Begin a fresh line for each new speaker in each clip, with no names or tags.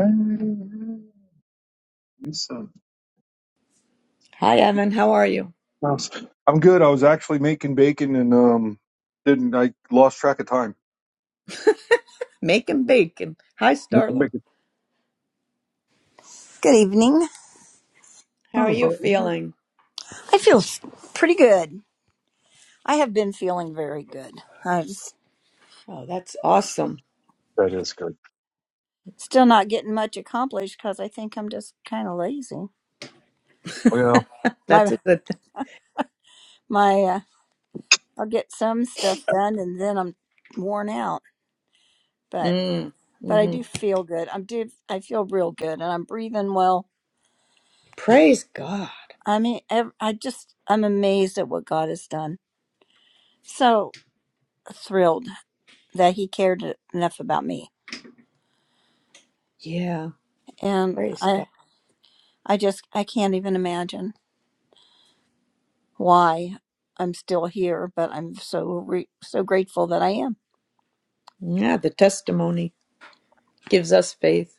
I'm
Hi, Evan. How are you?
good. I was actually making bacon and um didn't I lost track of time.
Make and bake. And hi, Starla.
Good evening.
How are
Oh,
you feeling?
I feel s- pretty good. I have been feeling very good. I'm s-
Oh, that's awesome.
that is good.
still not getting much accomplished because I think I'm just kind of lazy.
Well,
That's
My
a good thing.
my, uh, I'll get some stuff done and then I'm worn out. But
Mm,
but I
hmm
do feel good. I'm do I feel real good and I'm breathing well.
Praise God.
I mean, ev- I just I'm amazed at what God has done. So thrilled that He cared enough about me,
Yeah,
and
praise
I
God.
I just I can't even imagine. why I'm still here, but I'm so re- so grateful that I am.
Yeah, the testimony gives us faith.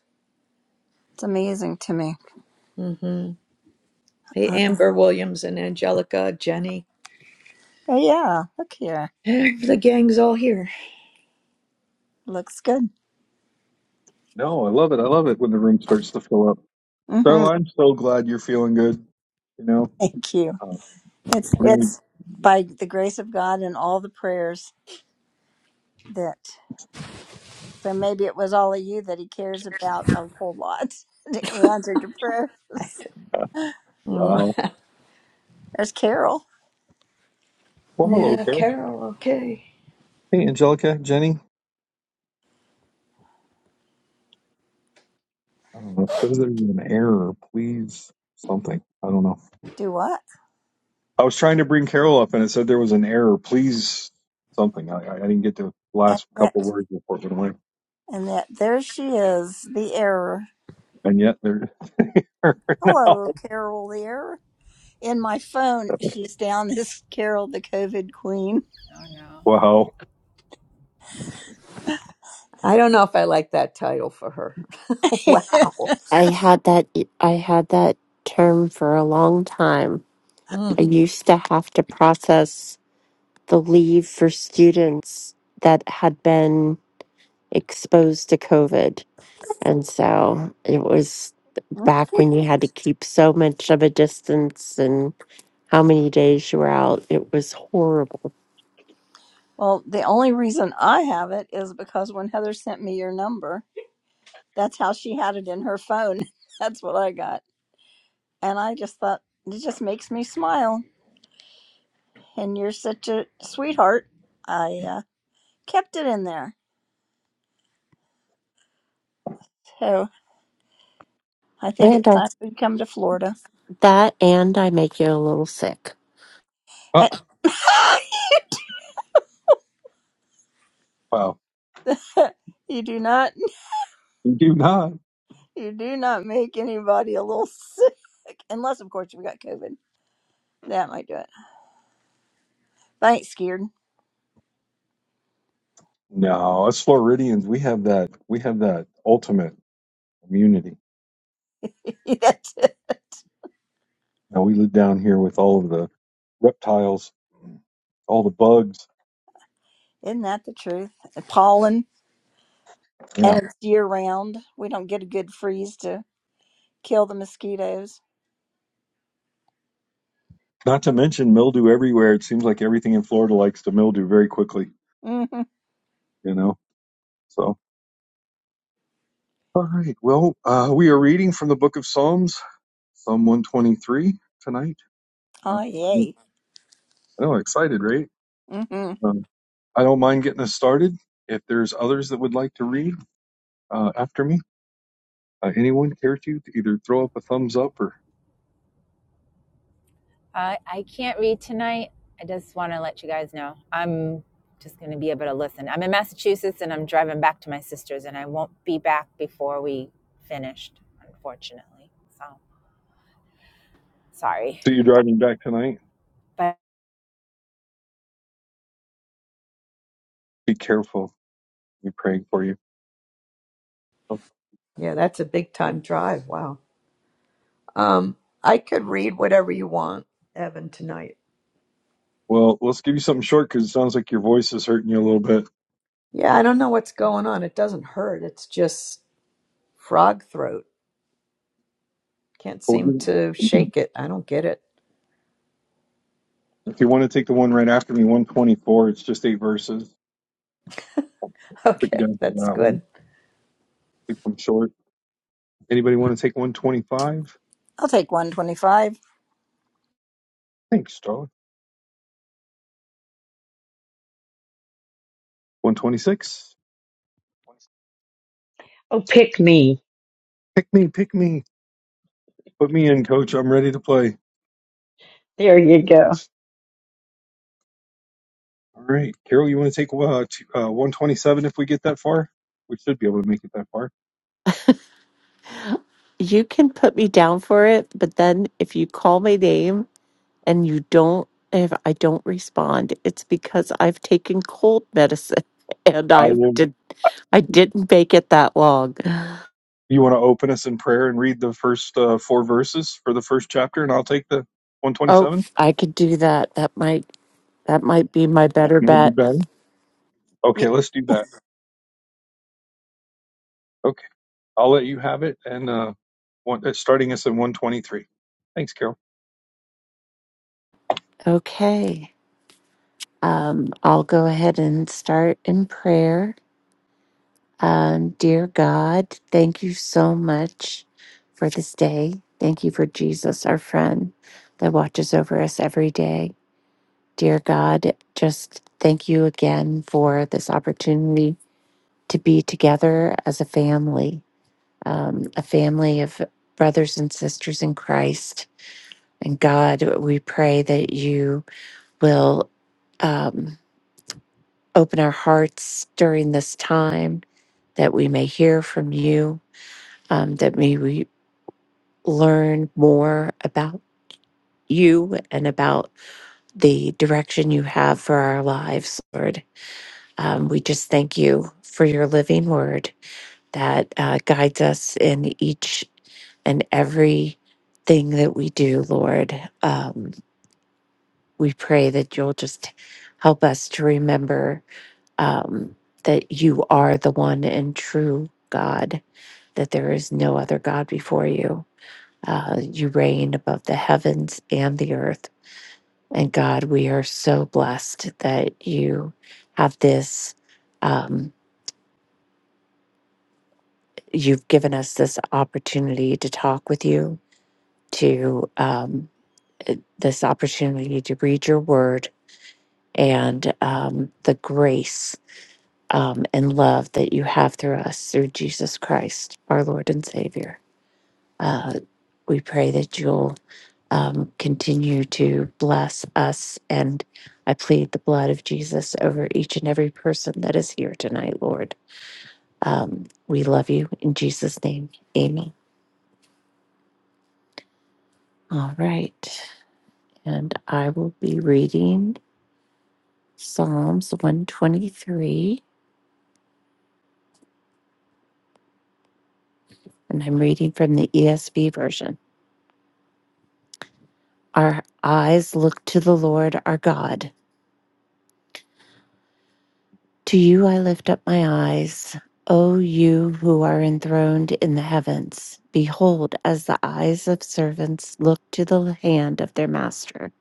It's amazing to me.
hmm Hey,
Uh,
Amber Williams and Angelica, Jenny.
oh yeah, look here,
Eh, The gang's all here.
looks good.
No, I love it. I love it when the room starts to fill up.
hmm
Darla, I'm so glad you're feeling good. You know,
Thank you.
uh,
It's
really.
it's by the grace of God and all the prayers that. So maybe it was all of you that He cares about a whole lot. The answer to prayers.
Oh,
Wow.
There's Carol.
Well, hello,
yeah,
Carol.
Carol. Okay.
Hey, Angelica, Jenny. I don't know. If there's an error, please something. I don't know.
Do what?
I was trying to bring Carol up and it said there was an error. Please something. I, I I didn't get the
And
last couple
that
words before it went away.
and that. there she is. The error.
and yet they're there now.
Hello, Carol. The error. in my phone, she's down as Carol the COVID Queen.
Oh no.
Wow,
I don't know if I like that title for her. wow.
I had that I had that term for a long time.
Mm,
I used to have to process the leave for students that had been exposed to COVID. And so it was back when you had to keep so much of a distance and how many days you were out. It was horrible.
Well, the only reason I have it is because when Heather sent me your number, that's how she had it in her phone. That's what I got. And I just thought, it just makes me smile. And you're such a sweetheart. I uh, kept it in there. So I think
And
it's
I,
time we come to Florida.
that and I make you a little sick.
Uh,
And-
wow,
you do not,
we do not.
you do not make anybody a little sick. Unless, of course, we got COVID. That might do it. Thanks, Geared.
No, us Floridians, we have that. We have that ultimate immunity.
That's it.
Now we live down here with all of the reptiles, all the bugs.
Isn't that the truth? The pollen, and
Yeah,
it's year round. We don't get a good freeze to kill the mosquitoes.
not to mention mildew everywhere. It seems like everything in Florida likes to mildew very quickly.
hmm
You know, so. All right. Well, uh, we are reading from the Book of Psalms, Psalm 123 tonight.
Oh,
Um, I
yay.
know, excited, right?
hmm
Um, I don't mind getting us started. If there's others that would like to read uh, after me, uh, anyone care to, to either throw up a thumbs up or
I I can't read tonight. I just want to let you guys know. I'm just going to be able to listen. I'm in Massachusetts and I'm driving back to my sister's, and I won't be back before we finished, unfortunately. So sorry.
see you driving back tonight?
But,
Be careful. We're praying for you. Oh,
yeah, that's a big time drive. Wow. Um, I could read whatever you want, Evan, tonight.
Well, let's give you something short because it sounds like your voice is hurting you a little bit.
Yeah, I don't know what's going on. It doesn't hurt. It's just frog throat. Can't
We'll
seem
give,
to shake it. I don't get it.
if you want to take the one right after me, 124, it's just eight verses. Put you
Okay,
down for
that's
that one.
good.
Keep them short. Anybody want to take 125?
I'll take 125.
Thanks, Charlie. 126?
Oh, pick me.
Pick me, pick me. Put me in, coach. I'm ready to play.
There you go.
All right, Carol, you want to take uh, t- uh, 127 if we get that far? We should be able to make it that far.
You can put me down for it, but then if you call my name and you don't if I don't respond, it's because I've taken cold medicine and
I
I
will.
did I didn't bake it that long.
You want to open us in prayer and read the first uh, four verses for the first chapter, and I'll take the
Oh,
127.
I could do that. That might that might be my
Yeah.
better bet.
Okay, let's do that. Okay, I'll let you have it, and uh, one, uh, starting us at 123. Thanks, Carol.
Okay. Um, I'll go ahead and start in prayer. Um, dear God, thank you so much for this day. Thank you for Jesus, our friend, that watches over us every day. Dear God, just thank you again for this opportunity to be together as a family, um, a family of brothers and sisters in Christ. And God, we pray that you will um, open our hearts during this time, that we may hear from you, um, that may we learn more about you and about the direction you have for our lives, Lord. Um, we just thank you for your living word that uh, guides us in each and every thing that we do, Lord. Um, we pray that you'll just help us to remember um, that you are the one and true God, that there is no other God before you. Uh, you reign above the heavens and the earth. And God, we are so blessed that you have this. Um, you've given us this opportunity to talk with you, to um, this opportunity to read your word and um, the grace um, and love that you have through us through Jesus Christ, our Lord and Savior. Uh, we pray that you'll um, continue to bless us. And I plead the blood of Jesus over each and every person that is here tonight, Lord. Um, we love you in Jesus' name. Amen. All right. And I will be reading Psalms 123, and I'm reading from the ESV version. Our eyes look to the Lord our God. To you I lift up my eyes, O you who are enthroned in the heavens. Behold, as the eyes of servants look to the hand of their master,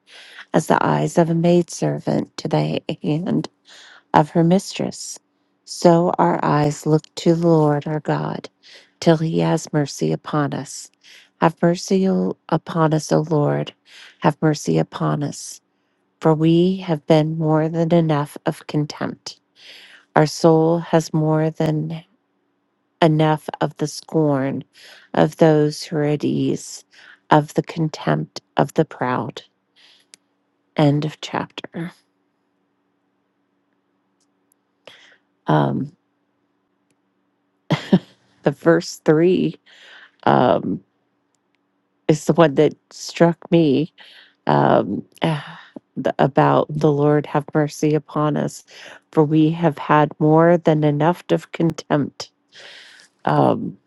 as the eyes of a maidservant to the hand of her mistress. So our eyes look to the Lord our God, till he has mercy upon us. Have mercy O- upon us, O Lord. Have mercy upon us. For we have been more than enough of contempt. Our soul has more than enough of the scorn of those who are at ease, of the contempt of the proud. End of chapter. Um, the verse three. um, is the one that struck me um, ah, the- about the Lord have mercy upon us, for we have had more than enough of contempt. Um,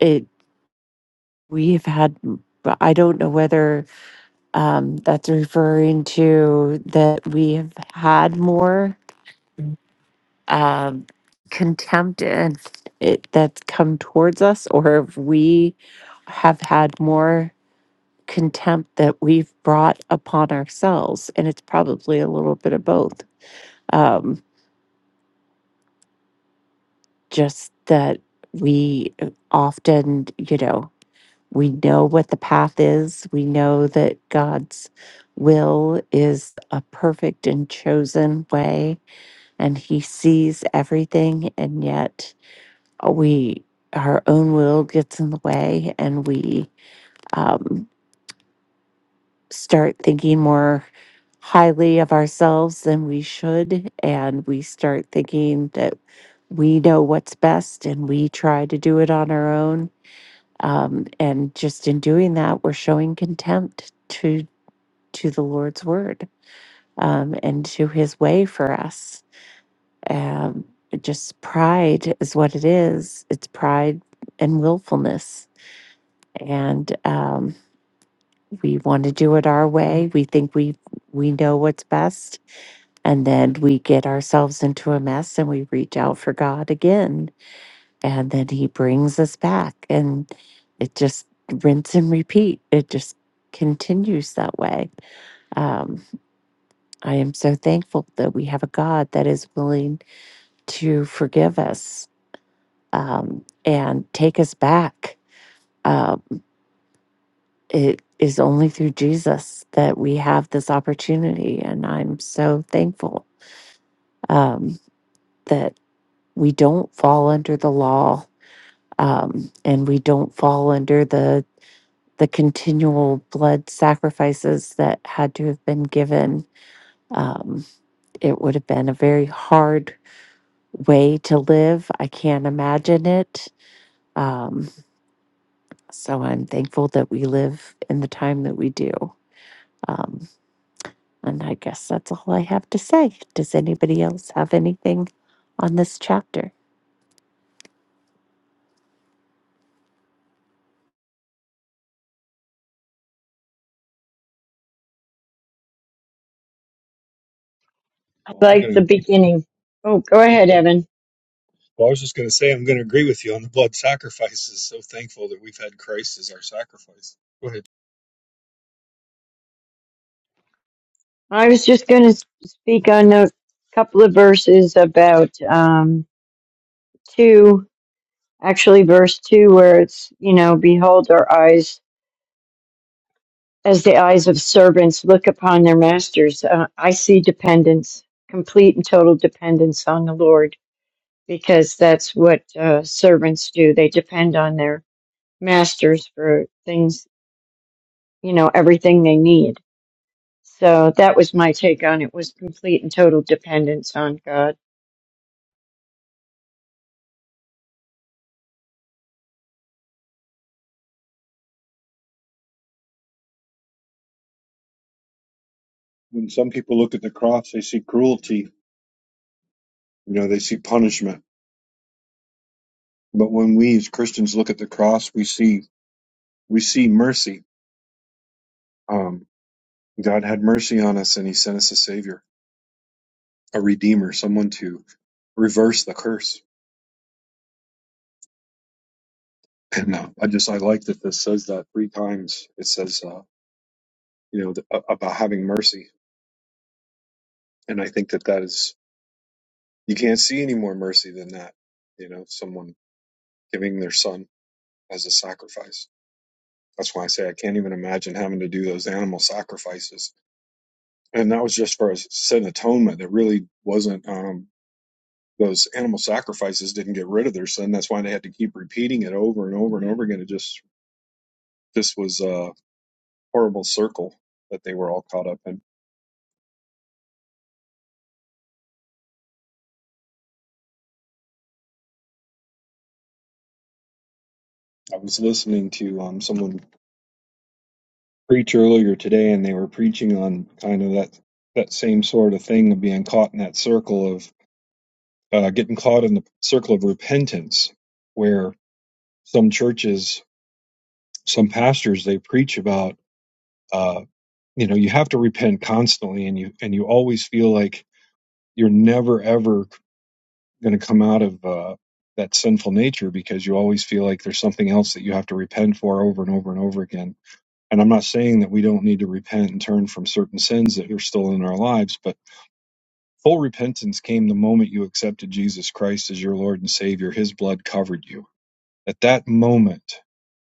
it we have had. I don't know whether um, that's referring to that we have had more um, contempt and it that's come towards us, or if we have had more. contempt that we've brought upon ourselves. And it's probably a little bit of both. Um, just that we often, you know, we know what the path is, we know that God's will is a perfect and chosen way, and He sees everything, and yet we. Our own will gets in the way, and we um, start thinking more highly of ourselves than we should and we start thinking that we know what's best and we try to do it on our own um, and just in doing that we're showing contempt to to the lord's word um, and to his way for us um, just pride is what it is it's pride and willfulness and um, we want to do it our way we think we we know what's best And then we get ourselves into a mess and we reach out for God again. And then He brings us back. And it just rinse and repeat. It just continues that way. Um, I am so thankful that we have a God that is willing to forgive us um, and take us back. Uh, it is only through Jesus that we have this opportunity. And I'm so thankful um, that we don't fall under the law um, and we don't fall under the the continual blood sacrifices that had to have been given. Um, it would have been a very hard way to live. I can't imagine it. Um, so I'm thankful that we live in the time that we do. Um, and I guess that's all I have to say. Does anybody else have anything on this chapter?
I
Well, I'm
like the
going to.
beginning. Oh, go ahead, Evan.
Well, I was just going to say I'm going to agree with you on the blood sacrifices. So thankful that we've had Christ as our sacrifice. Go ahead.
I was just going to speak on a couple of verses about um, two, actually, verse two, where it's, you know, behold our eyes as the eyes of servants look upon their masters. Uh, I see dependence, complete and total dependence on the Lord, because that's what uh, servants do. They depend on their masters for things, you know, everything they need So that was my take on it was complete and total dependence on God.
When some people look at the cross, they see cruelty You know, they see punishment. But when we as Christians look at the cross, we see we see mercy. Um, God had mercy on us, and He sent us a Savior, a Redeemer, someone to reverse the curse. And uh, I just I like that this says that three times. It says uh, you know th- uh, about having mercy, and I think that that is you can't see any more mercy than that. You know, someone giving their son as a sacrifice. That's why I say I can't even imagine having to do those animal sacrifices and that was just for a sin atonement. That really wasn't um, those animal sacrifices didn't get rid of their sin. That's why they had to keep repeating it over and over and over again. It just this was a horrible circle that they were all caught up in. I was listening to um, someone preach earlier today, and they were preaching on kind of that that same sort of thing of being caught in that circle of uh, getting caught in the circle of repentance, where some churches, some pastors, they preach about. uh, you know you have to repent constantly and you and you always feel like you're never ever going to come out of uh, that sinful nature because you always feel like there's something else that you have to repent for over and over and over again and i'm not saying that we don't need to repent and turn from certain sins that are still in our lives but full repentance came the moment you accepted jesus christ as your lord and savior his blood covered you at that moment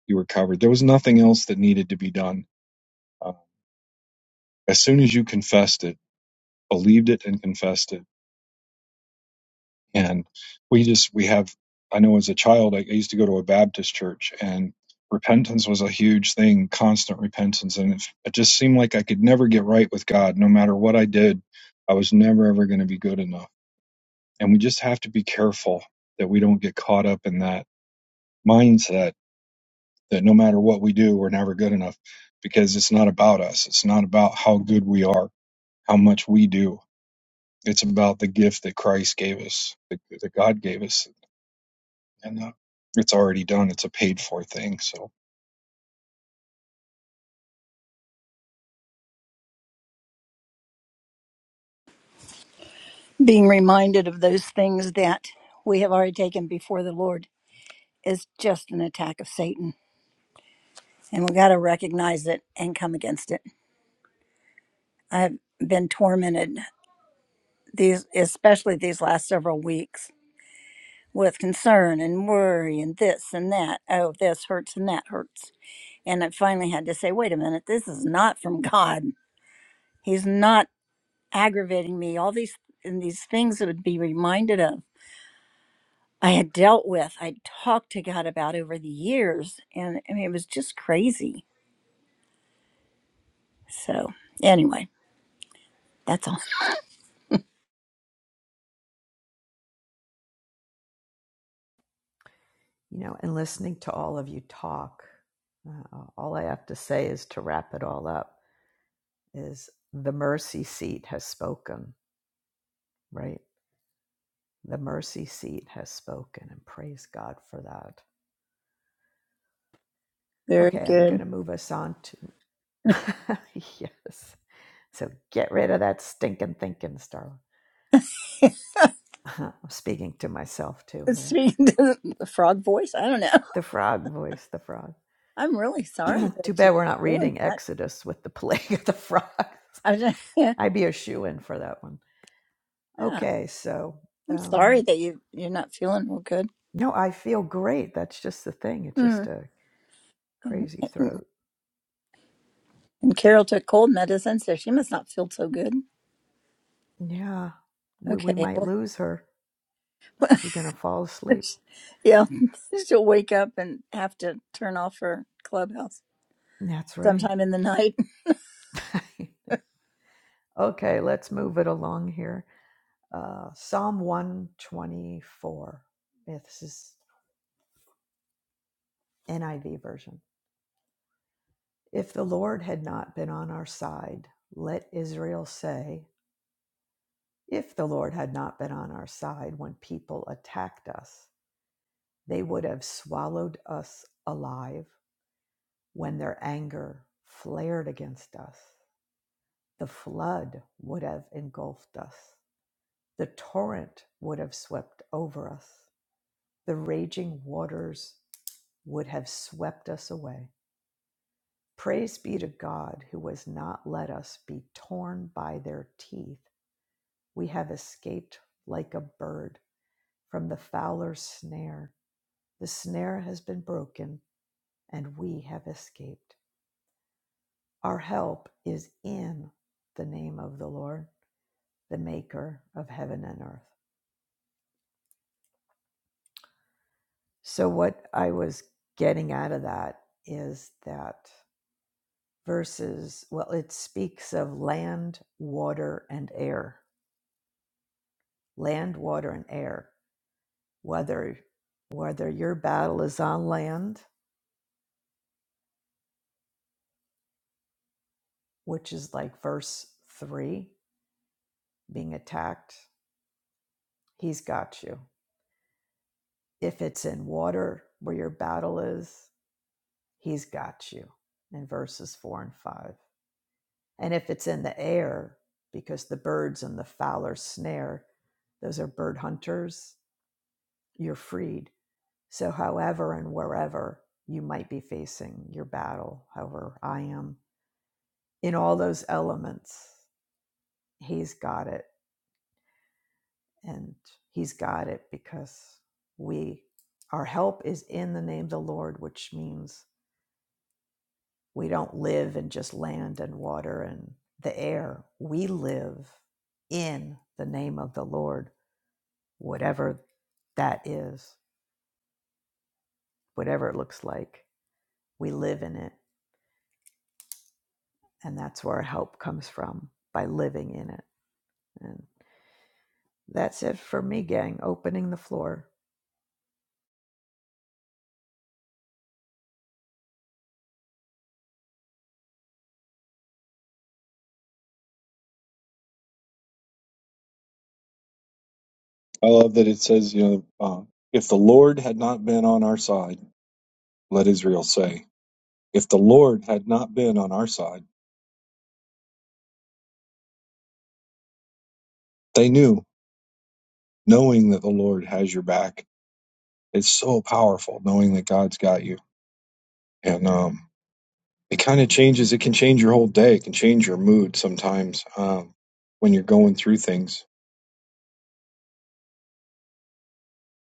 you were covered there was nothing else that needed to be done Uh, as soon as you confessed it believed it and confessed it and we just we have i know as a child i, I used to go to a baptist church and repentance was a huge thing constant repentance and it, it just seemed like i could never get right with god no matter what i did i was never ever going to be good enough and we just have to be careful that we don't get caught up in that mindset that no matter what we do we're never good enough because it's not about us it's not about how good we are how much we do it's about the gift that christ gave us that, that god gave us and uh, it's already done. It's a paid for thing. So
Being reminded of those things that we have already taken before the Lord is just an attack of Satan. And we got to recognize it and come against it. I've been tormented these, especially these last several weeks with concern and worry and this and that. Oh, this hurts and that hurts. And I finally had to say, wait a minute, this is not from God. He's not aggravating me. All these and these things that would be reminded of. I had dealt with, I'd talked to God about over the years. And I mean, it was just crazy. So, anyway, that's all.
You know, and listening to all of you talk, uh, all I have to say is to wrap it all up is the mercy seat has spoken, right? The mercy seat has spoken, and praise God for that. Okay,
Very
I'm going
good.
to move us on yes. So get rid of that stinking thinking, Starla. I'm speaking to myself too here.
Speaking to the frog voice, I don't know.
The frog voice, the frog.
I'm really sorry
Too
that
bad we're not
you're doing
reading
that.
Exodus with the plague of the frogs.
I was,
I'd be a shoe in for that one.
yeah.
Okay, so
I'm sorry
um,
that you you're not feeling real good.
no, I feel great. That's just the thing. It's
Hmm.
just a
And,
crazy
and,
throat.
Carol took cold medicine, so she must not feel so good.
Yeah, we, we
Okay.
might
Well,
lose her. She's gonna fall asleep.
yeah, she'll wake up and have to turn off her clubhouse
That's right.
sometime in the night.
okay, let's move it along here. uh, Psalm 124. Yeah, This is NIV version. If the Lord had not been on our side, let Israel say, if the Lord had not been on our side when people attacked us, they would have swallowed us alive when their anger flared against us. The flood would have engulfed us. The torrent would have swept over us. The raging waters would have swept us away. Praise be to God who has not let us be torn by their teeth. We have escaped like a bird from the fowler's snare. The snare has been broken and we have escaped. Our help is in the name of the Lord, the maker of heaven and earth. So, what I was getting out of that is that verses, well, it speaks of land, water, and air. Land, water, and air whether whether your battle is on land, which is like verse 3, being attacked, he's got you. If it's in water where your battle is, he's got you in verses 4 and 5. And if it's in the air, because the birds and the fowler snare, those are bird hunters, you're freed. So, however and wherever you might be facing your battle, however I am, in all those elements, he's got it and he's got it because we our help is in the name of the lord which means we don't live in just land and water and the air we live in the name of the lord whatever that is whatever it looks like we live in it and that's where our help comes from by living in it and that's it for me gang opening the floor
I love that it says, you know, uh, if the Lord had not been on our side, let Israel say, if the Lord had not been on our side, they knew, knowing that the Lord has your back. It's so powerful knowing that God's got you, and um, it kind of changes. It can change your whole day. It can change your mood sometimes um, when you're going through things.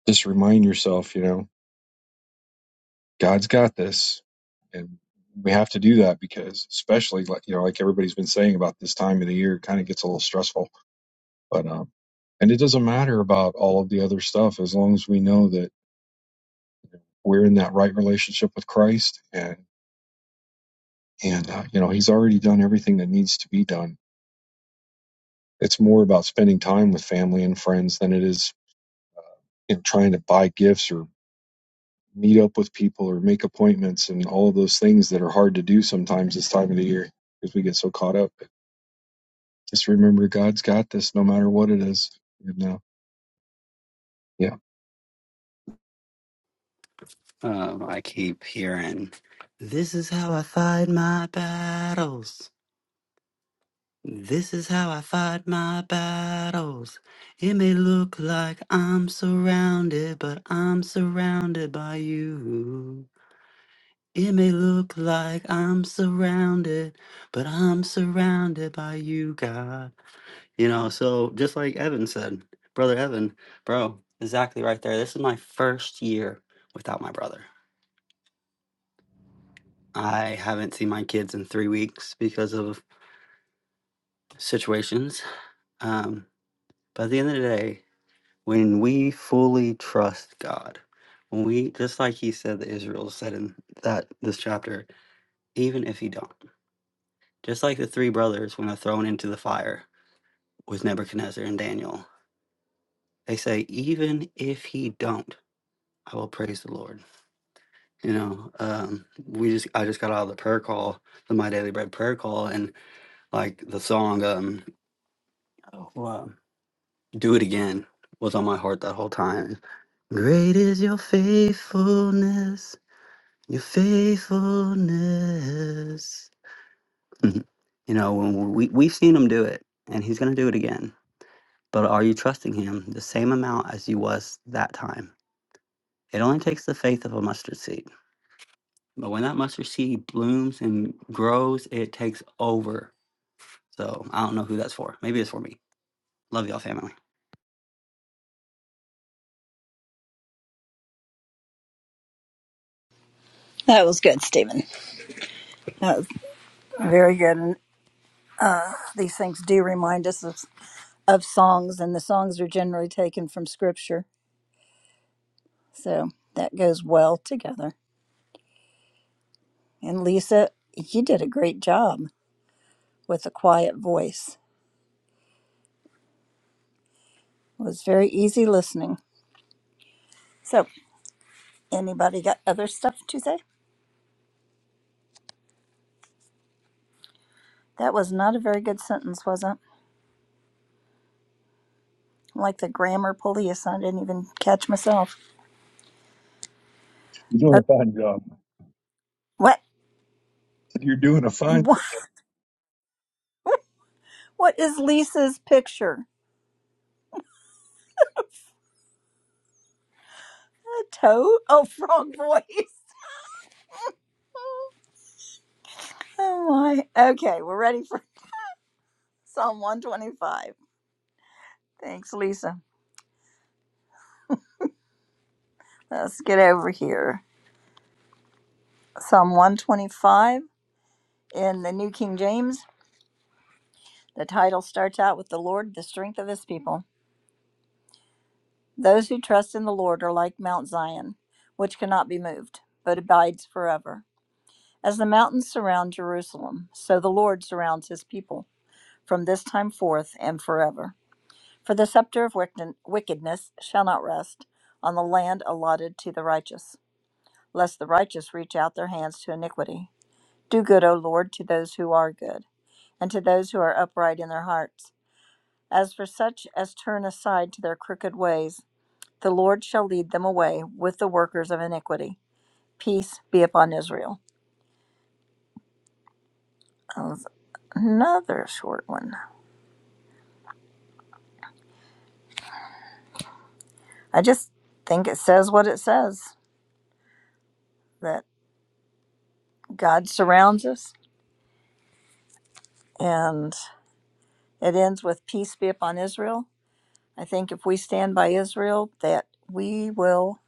Just remind yourself, you know. God's got this, and we have to do that because, especially like you know, like everybody's been saying about this time of the year, it kind of gets a little stressful. But um, and it doesn't matter about all of the other stuff as long as we know that we're in that right relationship with Christ, and and uh, you know, He's already done everything that needs to be done. It's more about spending time with family and friends than it is you know trying to buy gifts or meet up with people or make appointments and all of those things that are hard to do sometimes this time of the year because we get so caught up. Just remember God's got this no matter what it is. You know. Yeah.
Um, I keep hearing, "This is how I fight my battles. This is how I fight my battles." It may look like I'm surrounded, but I'm surrounded by you. It may look like I'm surrounded, but I'm surrounded by you, God. You know, so just like Evan said, brother Evan, bro, exactly right there. This is my first year without my brother I haven't seen my kids in three weeks because of situations. Um, but at the end of the day, when we fully trust God, when we just like He said that Israel said in that this chapter, even if He don't, just like the three brothers when they're thrown into the fire with Nebuchadnezzar and Daniel, they say, even if He don't, I will praise the Lord. You know, um, we just I just got out of the prayer call, the My Daily Bread prayer call, and like the song, um, oh, wow. Do it again was on my heart that whole time. Great is your faithfulness, your faithfulness. you know, when we, we've seen him do it, and he's going to do it again. But are you trusting him the same amount as you was that time? It only takes the faith of a mustard seed. But when that mustard seed blooms and grows, it takes over. So I don't know who that's for. Maybe it's for me. Love y'all, family.
That was good, Stephen. That was very good. And these things do remind us of, of songs, and the songs are generally taken from scripture, so that goes well together. And Lisa, you did a great job with a quiet voice. It was very easy listening. So, anybody got other stuff to say? That was not a very good sentence, was it? Like the grammar police, I didn't even catch myself.
You're
Uh,
doing
what?
a you're doing a fine.
What? What is Lisa's picture? A toad? Oh, frog voice. Oh my. Okay, we're ready for Psalm 125. Thanks, Lisa. Let's get over here. Psalm 125 in the New King James. The title starts out with the Lord, the strength of his people. Those who trust in the Lord are like Mount Zion, which cannot be moved, but abides forever. As the mountains surround Jerusalem, so the Lord surrounds his people from this time forth and forever. For the scepter of wickedness shall not rest on the land allotted to the righteous, lest the righteous reach out their hands to iniquity. Do good, O Lord, to those who are good, and to those who are upright in their hearts. As for such as turn aside to their crooked ways, the Lord shall lead them away with the workers of iniquity. Peace be upon Israel. That was another short one. I just think it says what it says that God surrounds us and it ends with peace be upon Israel. I think if we stand by Israel, that we will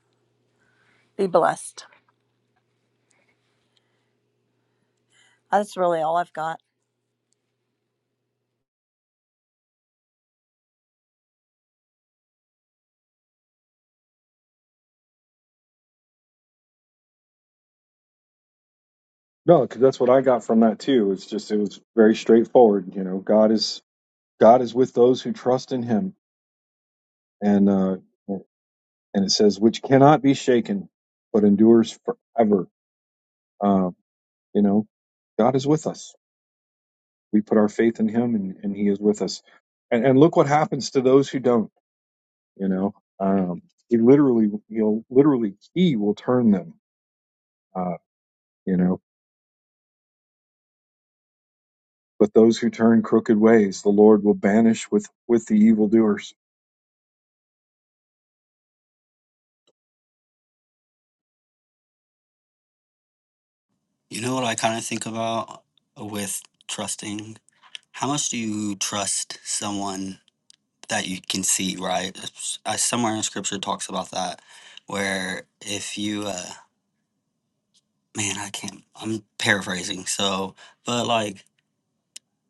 be blessed. That's really all I've got.
No, because that's what I got from that too. It's just it was very straightforward. You know, God is God is with those who trust in Him, and uh, and it says which cannot be shaken, but endures forever. Uh, you know, God is with us. we put our faith in him and, and he is with us and, and look what happens to those who don't you know um, he literally he'll literally he will turn them uh, you know but those who turn crooked ways the lord will banish with with the evildoers
You know what I kind of think about with trusting How much do you trust someone that you can see, right? It's- Uh, somewhere in scripture talks about that, where if you, uh, man, I can't, I'm paraphrasing. So, but like,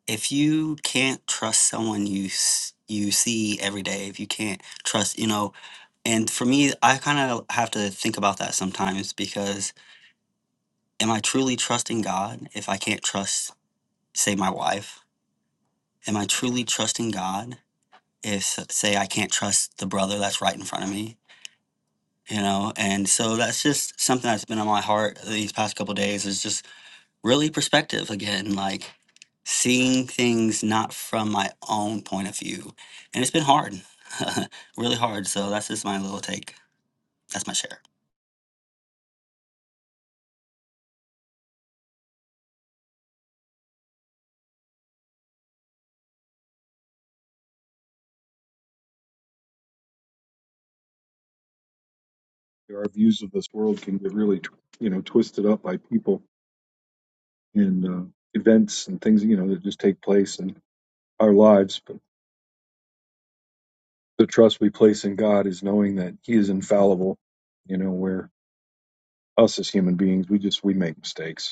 if you can't trust someone you, s- you see every day, if you can't trust, you know, and for me, I kind of have to think about that sometimes because am I truly trusting God if I can't trust, say, my wife? Am I truly trusting God if say I can't trust the brother that's right in front of me, you know. And so that's just something that's been on my heart these past couple of days is just really perspective again, like seeing things not from my own point of view. And it's been hard, really hard. So that's just my little take. That's my share.
our views of this world can get really you know twisted up by people and uh, events and things you know that just take place in our lives but the trust we place in god is knowing that he is infallible you know where us as human beings we just we make mistakes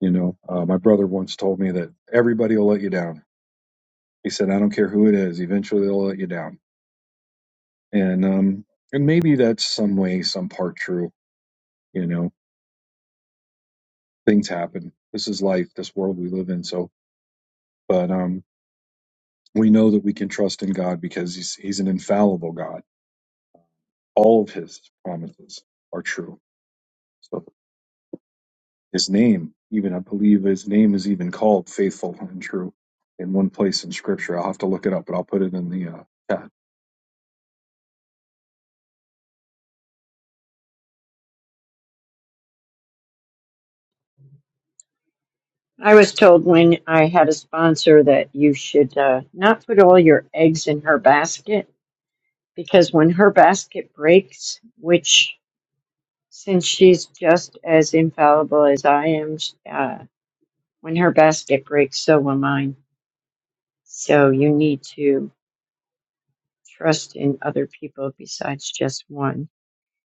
You know, uh, my brother once told me that everybody will let you down. He said, I don't care who it is, eventually they'll let you down. And um, and maybe that's some way, some part true. You know, things happen. This is life, this world we live in. So, but um, we know that we can trust in God because He's He's an infallible God. All of His promises are true. So His name, even I believe His name is even called faithful and true in one place in Scripture. I'll have to look it up, but I'll put it in the uh, chat
I was told when I had a sponsor that you should uh, not put all your eggs in her basket because when her basket breaks, which since she's just as infallible as I am, uh, when her basket breaks, so will mine. So you need to trust in other people besides just one.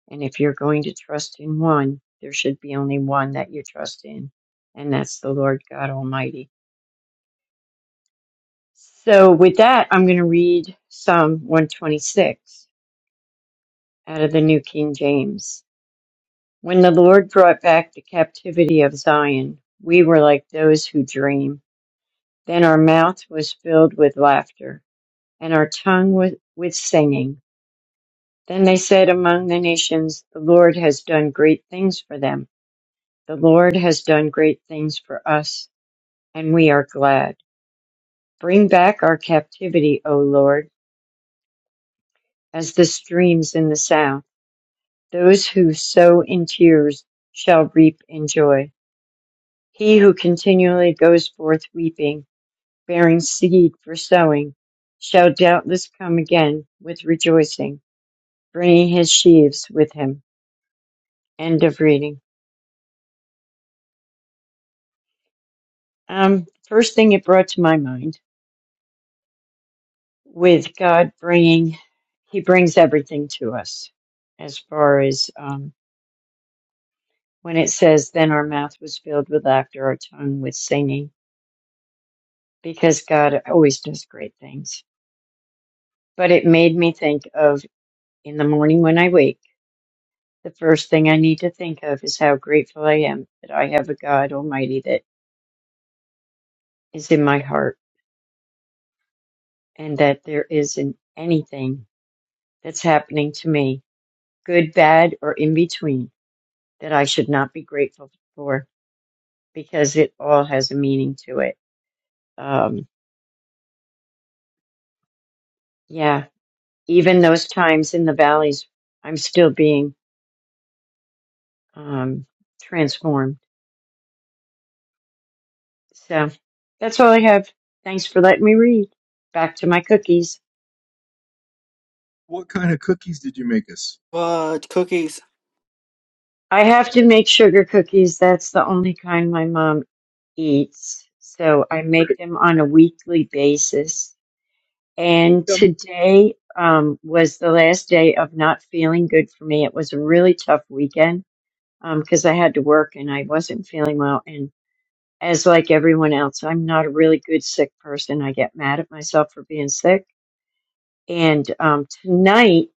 And if you're going to trust in one, there should be only one that you trust in, and that's the Lord God Almighty. So, with that, I'm going to read Psalm 126 out of the New King James. When the Lord brought back the captivity of Zion, we were like those who dream. Then our mouth was filled with laughter, and our tongue with, with singing. Then they said among the nations, The Lord has done great things for them. The Lord has done great things for us and we are glad. Bring back our captivity, O Lord, as the streams in the south. Those who sow in tears shall reap in joy. He who continually goes forth weeping, bearing seed for sowing, shall doubtless come again with rejoicing, bringing his sheaves with him. End of reading. Um, first thing it brought to my mind with God bringing, He brings everything to us as far as um. when it says, Then our mouth was filled with laughter, our tongue with singing, because God always does great things. But it made me think of in the morning when I wake, the first thing I need to think of is how grateful I am that I have a God Almighty that is in my heart and that there isn't anything that's happening to me, good, bad, or in between, that I should not be grateful for because it all has a meaning to it. Um, yeah, even those times in the valleys, I'm still being um, transformed. So that's all I have. Thanks for letting me read. Back to my cookies.
What kind of cookies did you make us?
What cookies?
I have to make sugar cookies. That's the only kind my mom eats. So I make them on a weekly basis. And today um, was the last day of not feeling good for me. It was a really tough weekend because I had to work and I wasn't feeling well. And as like everyone else, I'm not a really good sick person. I get mad at myself for being sick. And um, tonight,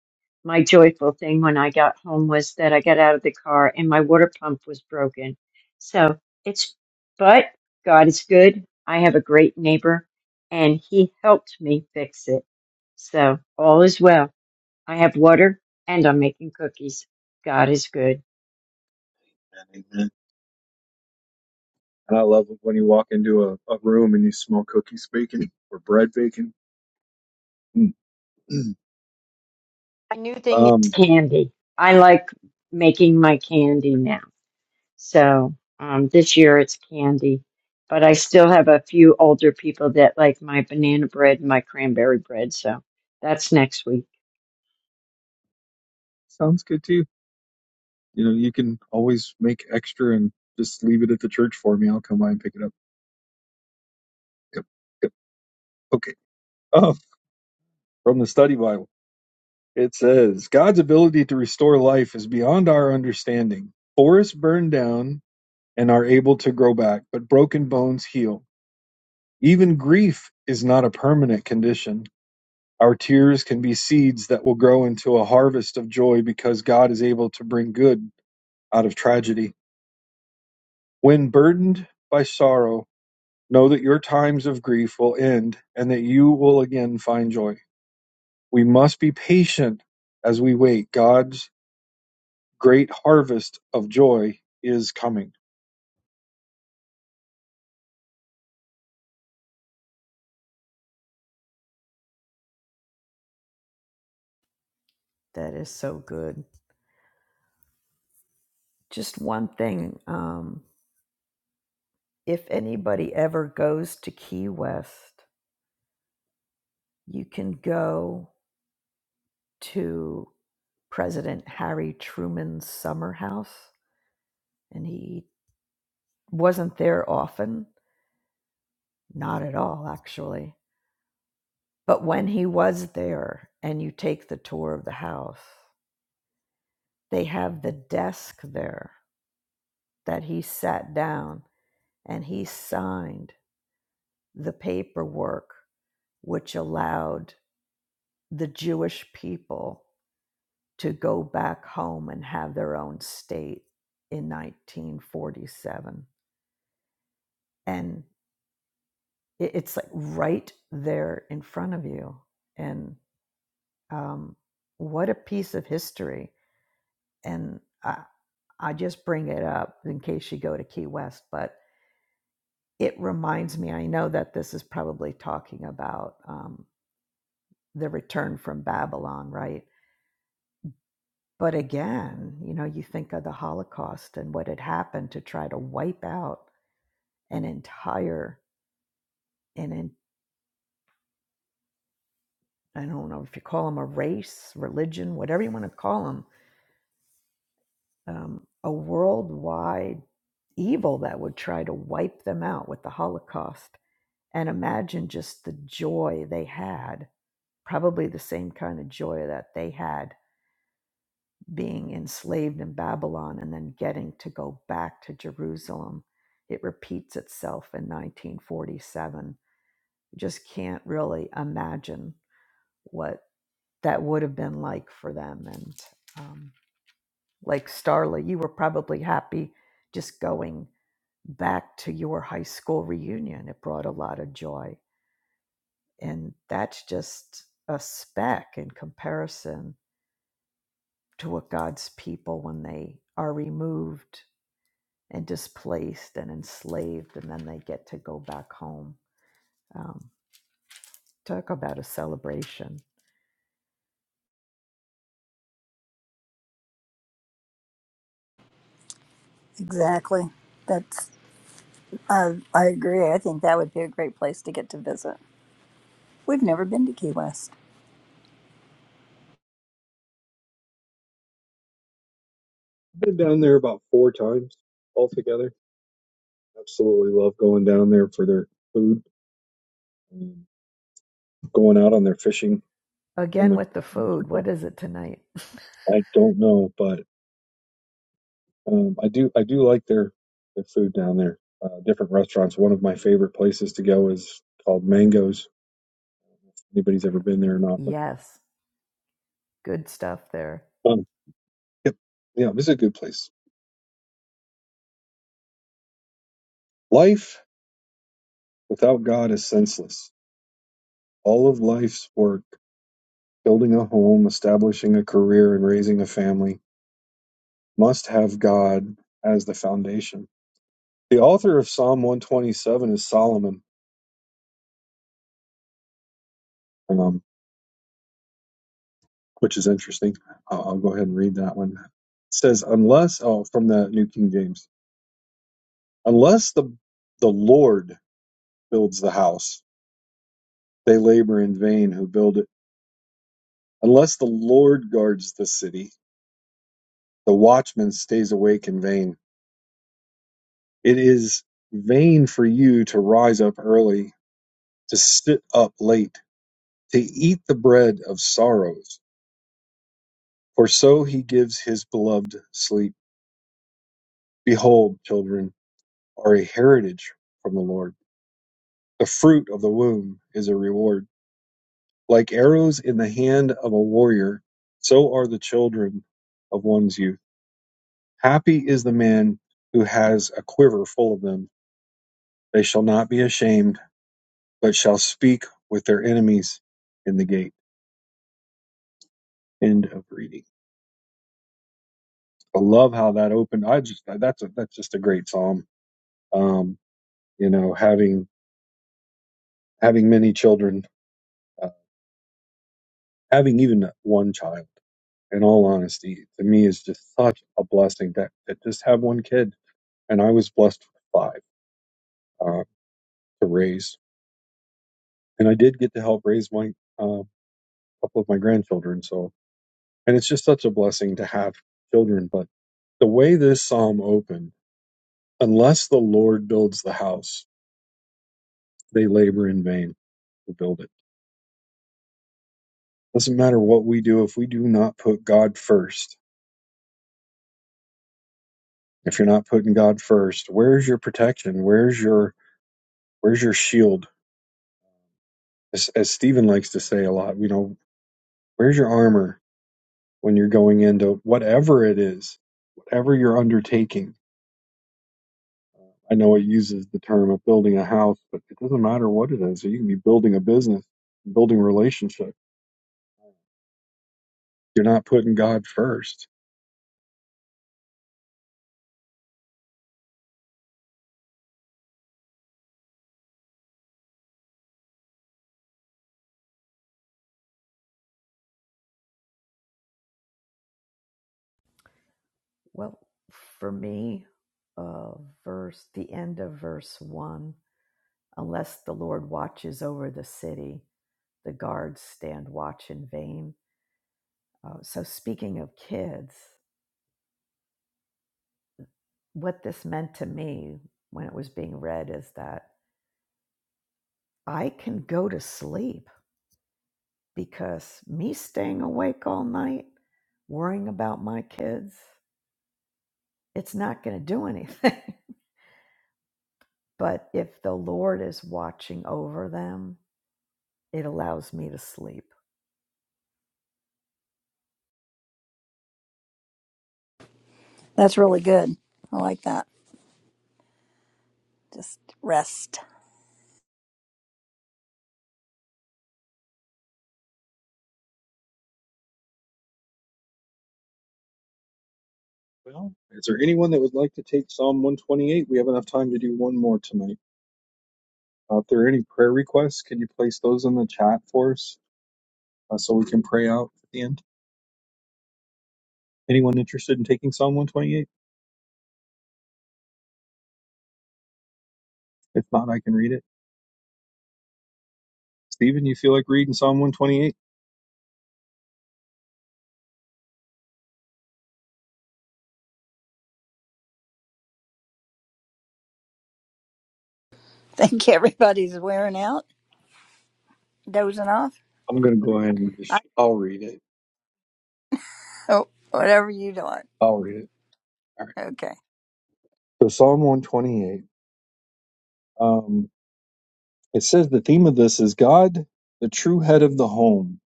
my joyful thing when I got home was that I got out of the car and my water pump was broken. So it's, but God is good. I have a great neighbor and he helped me fix it. So all is well. I have water and I'm making cookies. God is good.
And Amen. And I love it when you walk into a, a room and you smell cookies baking or bread baking. Mm, mm.
My new thing is
um,
candy. I like making my candy now. So um, this year it's candy, but I still have a few older people that like my banana bread and my cranberry bread. So that's next week.
sounds good too. You know, you can always make extra and just leave it at the church for me. I'll come by and pick it up. Yep, yep. Okay. Oh, from the study Bible, it says God's ability to restore life is beyond our understanding. Forests burned down and are able to grow back, but broken bones heal. Even grief is not a permanent condition. Our tears can be seeds that will grow into a harvest of joy because God is able to bring good out of tragedy. When burdened by sorrow, know that your times of grief will end and that you will again find joy. We must be patient as we wait. God's great harvest of joy is coming.
that is so good just one thing um, if anybody ever goes to Key West, you can go to President Harry Truman's summer house. And he wasn't there often, not at all, actually. But when he was there and you take the tour of the house, they have the desk there that he sat down and he signed the paperwork which allowed the Jewish people to go back home and have their own state in 1947. And it's like right there in front of you. And um, what a piece of history. And I, I just bring it up in case you go to Key West, but it reminds me I know that this is probably talking about um, the return from Babylon, right? But again, you know, you think of the Holocaust and what had happened to try to wipe out an entire an in, I don't know if you call them a race, religion, whatever you want to call them, um, a worldwide evil that would try to wipe them out with the Holocaust. And imagine just the joy they had, probably the same kind of joy that they had being enslaved in Babylon and then getting to go back to Jerusalem. It repeats itself in 1947. You just can't really imagine what that would have been like for them. And um, like Starla, you were probably happy just going back to your high school reunion. It brought a lot of joy. And that's just a speck in comparison to what God's people, when they are removed and displaced and enslaved, and then they get to go back home. Um, talk about a celebration.
Exactly. That's I I agree. I think that would be a great place to get to visit. We've never been to Key West.
I've been down there about four times altogether Absolutely love going down there for their food, um, going out on their fishing from
Again
the.
with the food. What is it tonight?
I don't know, but um, I do I do like their their food down there. Uh, different restaurants. One of my favorite places to go is called Mangoes. Anybody's ever been there or not? But
Yes, good stuff there.
um, yep, yeah, this is a good place. Life without God is senseless. All of life's work, building a home, establishing a career, and raising a family, must have God as the foundation. The author of Psalm 127 is Solomon, um, which is interesting. I'll, I'll go ahead and read that one. It says, "Unless oh, from the New King James, unless the the Lord builds the house, they labor in vain who build it. Unless the Lord guards the city, the watchman stays awake in vain. It is vain for you to rise up early, to sit up late, to eat the bread of sorrows, for so he gives his beloved sleep." Behold, children are a heritage from the Lord. The fruit of the womb is a reward. Like arrows in the hand of a warrior, so are the children of one's youth. Happy is the man who has a quiver full of them. They shall not be ashamed, but shall speak with their enemies in the gate. End of reading. I love how that opened. I just that's a, that's just a great psalm. Um, you know, having having many children uh, having even one child, in all honesty, to me is just such a blessing that, that just have one kid. And I was blessed with five uh, to raise. And I did get to help raise my uh, couple of my grandchildren. So, and it's just such a blessing to have children. But the way this psalm opened, unless the Lord builds the house, they labor in vain to build it. Doesn't matter what we do if we do not put God first. If you're not putting God first, where's your protection? Where's your Where's your shield? As, as Stephen likes to say a lot, you know, where's your armor when you're going into whatever it is, whatever you're undertaking? Uh, I know it uses the term of building a house, but it doesn't matter what it is. You can be building a business, building a relationship. You're not putting God first.
Well, for me, uh, verse the end of verse one. Unless the Lord watches over the city, the guards stand watch in vain. Uh, so, speaking of kids, what this meant to me when it was being read is that I can go to sleep because me staying awake all night worrying about my kids, it's not going to do anything. but if the Lord is watching over them, it allows me to sleep.
That's really good. I like that. just rest.
Well, is there anyone that would like to take Psalm 128? We have enough time to do one more tonight. Uh, if there are any prayer requests, can you place those in the chat for us uh, so we can pray out at the end? Anyone interested in taking Psalm 128? If not, I can read it. Stephen, you feel like reading Psalm 128?
Think everybody's wearing out, dozing off.
I'm going to go ahead and
I
just, I'll read it.
hope whatever you doing.
I'll read it. All right.
Okay.
So Psalm 128. Um, it says the theme of this is God, the true head of the home.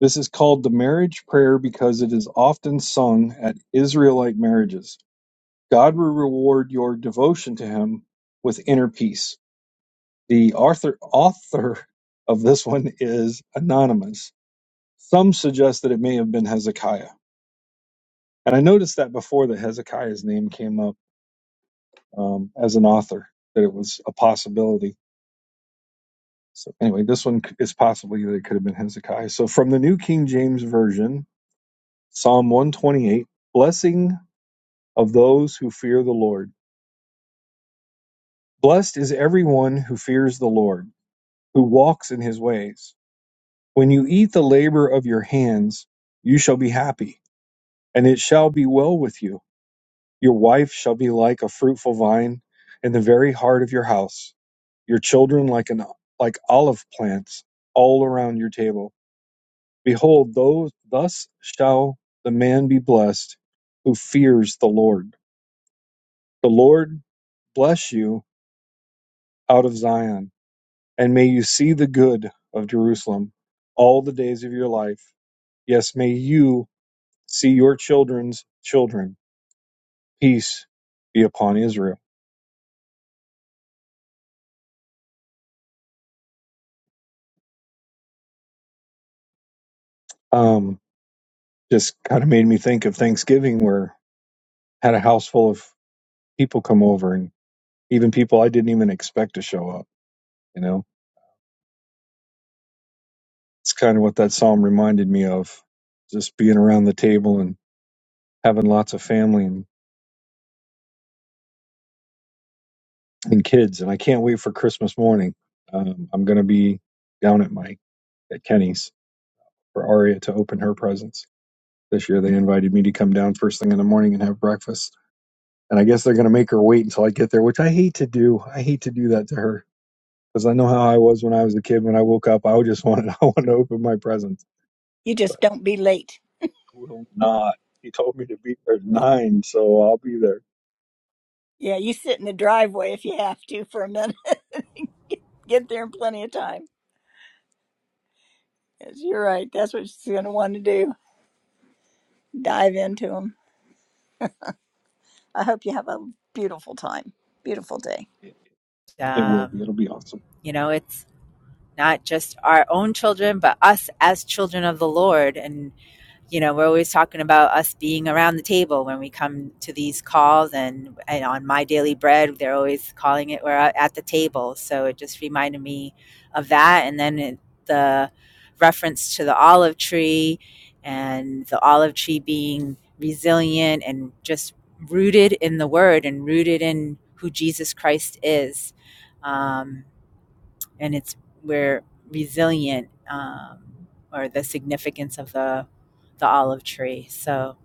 This is called the marriage prayer because it is often sung at Israelite marriages. God will reward your devotion to Him with inner peace. The author author of this one is anonymous. Some suggest that it may have been Hezekiah. And I noticed that before that Hezekiah's name came up um, as an author, that it was a possibility. So anyway, this one c- is possibly that it could have been Hezekiah. So from the New King James Version, Psalm 128, blessing of those who fear the Lord. Blessed is everyone who fears the Lord, who walks in his ways. When you eat the labor of your hands, you shall be happy, and it shall be well with you. Your wife shall be like a fruitful vine in the very heart of your house, your children like an like olive plants all around your table. Behold, those thus shall the man be blessed who fears the Lord. The Lord bless you out of Zion, and may you see the good of Jerusalem all the days of your life. Yes, may you see your children's children. Peace be upon Israel. Um, just kind of made me think of Thanksgiving, where I had a house full of people come over and even people I didn't even expect to show up. You know, it's kind of what that psalm reminded me of just being around the table and having lots of family and, and kids. And I can't wait for Christmas morning. Um, I'm going to be down at my at Kenny's for Aria to open her presents. This year they invited me to come down first thing in the morning and have breakfast. And I guess they're going to make her wait until I get there, which I hate to do. I hate to do that to her because I know how I was when I was a kid. When I woke up, I would just wanted I wanted to open my presents,
You
but
just don't be late.
will not. He told me to be there at nine, so I'll be there.
Yeah, you sit in the driveway if you have to for a minute. Get there in plenty of time. Yes, you're right. That's what she's going to want to do. Dive into them. I hope you have a beautiful time. Beautiful day.
It, it will be.
um,
It'll be awesome.
you know, it's not just our own children, but us as children of the Lord. And you know we're always talking about us being around the table when we come to these calls and, and on my daily bread they're always calling it we're at the table so it just reminded me of that and then it, the reference to the olive tree and the olive tree being resilient and just rooted in the word and rooted in who jesus christ is um, and it's we're resilient um, or the significance of the the olive tree so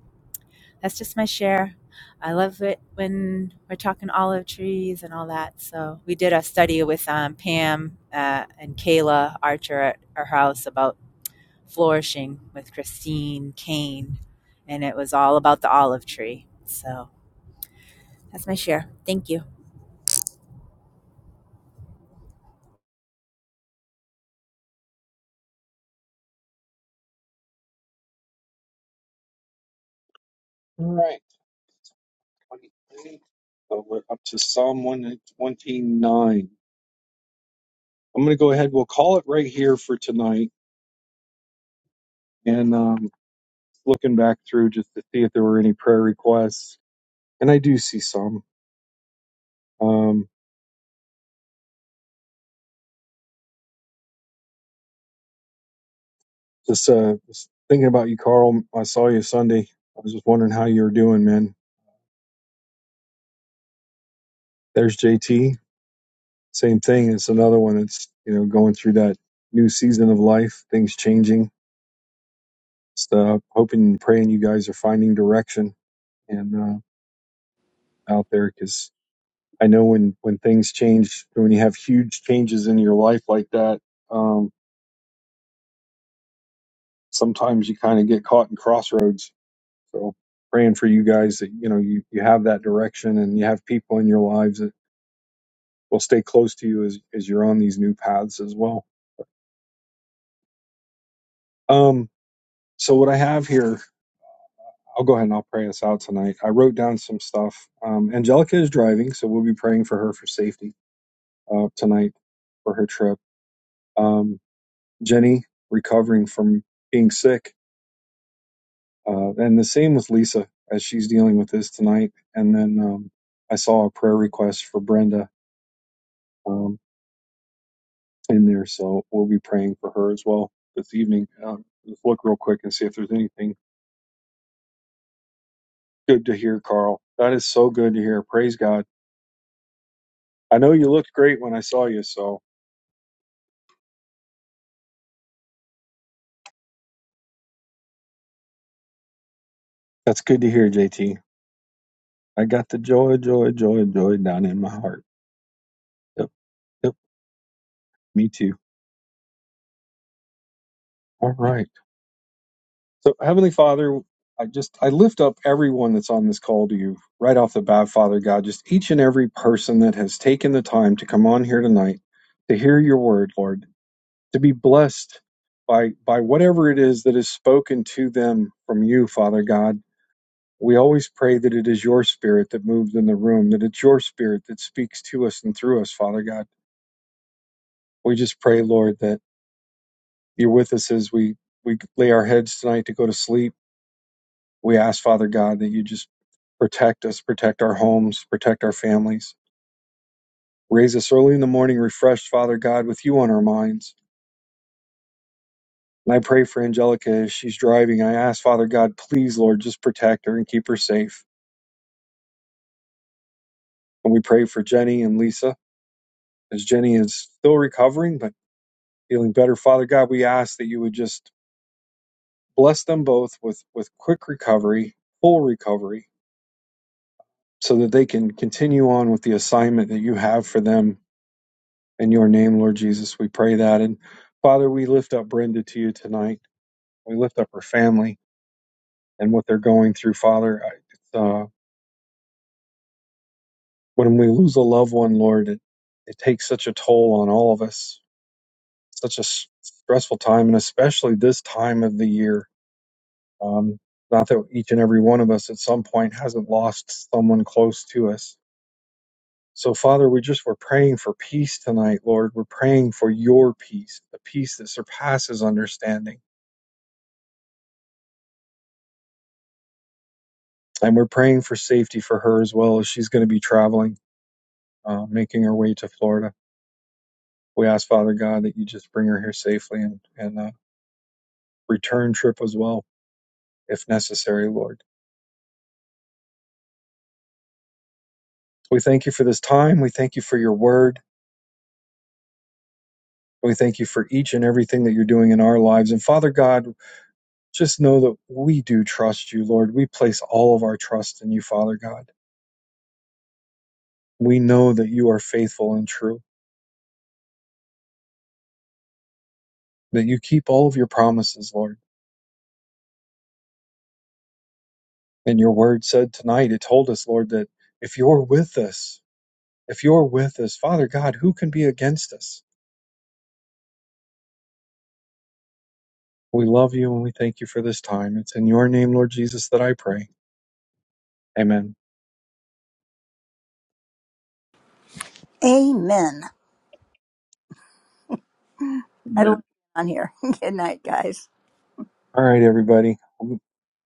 that's just my share i love it when we're talking olive trees and all that so we did a study with um, pam uh, and kayla archer at our house about flourishing with christine kane and it was all about the olive tree so that's my share thank you
All right. 23. So we're up to Psalm one twenty nine. I'm going to go ahead. We'll call it right here for tonight, and um, looking back through just to see if there were any prayer requests, and I do see some. Um, just uh, just thinking about you, Carl. I saw you Sunday. I was just wondering how you were doing, man There's JT. Same thing. It's another one that's you know going through that new season of life. Things changing. It's the hoping and praying you guys are finding direction and uh, out there because I know when when things change, when you have huge changes in your life like that, um, sometimes you kind of get caught in crossroads. So praying for you guys that you know you you have that direction and you have people in your lives that will stay close to you as as you're on these new paths as well. Um, so what I have here I'll go ahead and I'll pray us out tonight. I wrote down some stuff. Um, Angelica is driving, so we'll be praying for her for safety uh, tonight for her trip. Um, Jenny recovering from being sick, uh, and the same with Lisa as she's dealing with this tonight. And then um, I saw a prayer request for Brenda um, in there, so we'll be praying for her as well this evening. Um, let's look real quick and see if there's anything good to hear, Carl. That is so good to hear. Praise God. I know you looked great when I saw you, so That's good to hear, JT. I got the joy, joy, joy, joy down in my heart. Yep, yep, me too. All right. So, Heavenly Father, I just I lift up everyone that's on this call to you right off the bat, Father God. Just each and every person that has taken the time to come on here tonight to hear your word, Lord, to be blessed by by whatever it is that is spoken to them from you, Father God. We always pray that it is your spirit that moves in the room, that it's your spirit that speaks to us and through us, Father God. We just pray, Lord, that you're with us as we, we lay our heads tonight to go to sleep. We ask, Father God, that you just protect us, protect our homes, protect our families. Raise us early in the morning, refreshed, Father God, with you on our minds. And I pray for Angelica as she's driving. I ask, Father God, please, Lord, just protect her and keep her safe. And we pray for Jenny and Lisa as Jenny is still recovering, but feeling better. Father God, we ask that you would just bless them both with, with quick recovery, full recovery so that they can continue on with the assignment that you have for them. In your name, Lord Jesus, we pray that. And Father, we lift up Brenda to you tonight. We lift up her family and what they're going through, Father. I- It's, uh, when we lose a loved one, Lord, it, it takes such a toll on all of us, such a s- stressful time, and especially this time of the year. Um, not that each and every one of us at some point hasn't lost someone close to us, So, Father, we just we're praying for peace tonight, Lord. We're praying for your peace, the peace that surpasses understanding. And we're praying for safety for her as well as she's going to be traveling, uh, making her way to Florida. We ask, Father God, that you just bring her here safely and, and uh, return trip as well, if necessary, Lord. We thank you for this time. We thank you for your word. We thank you for each and everything that you're doing in our lives. And Father God, just know that we do trust you, Lord. We place all of our trust in you, Father God. We know that you are faithful and true, that you keep all of your promises, Lord. And your word said tonight, it told us, Lord, that if you're with us, if you're with us, Father God, who can be against us? We love you and we thank you for this time. It's in your name, Lord Jesus, that I pray. Amen.
Amen. I love you on here. Good night, guys.
All right, everybody.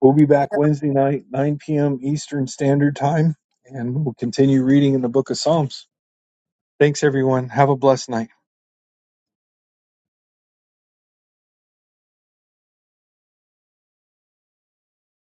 We'll be back Wednesday night, 9 p.m. Eastern Standard Time, and we'll continue reading in the book of Psalms. Thanks, everyone. Have a blessed night.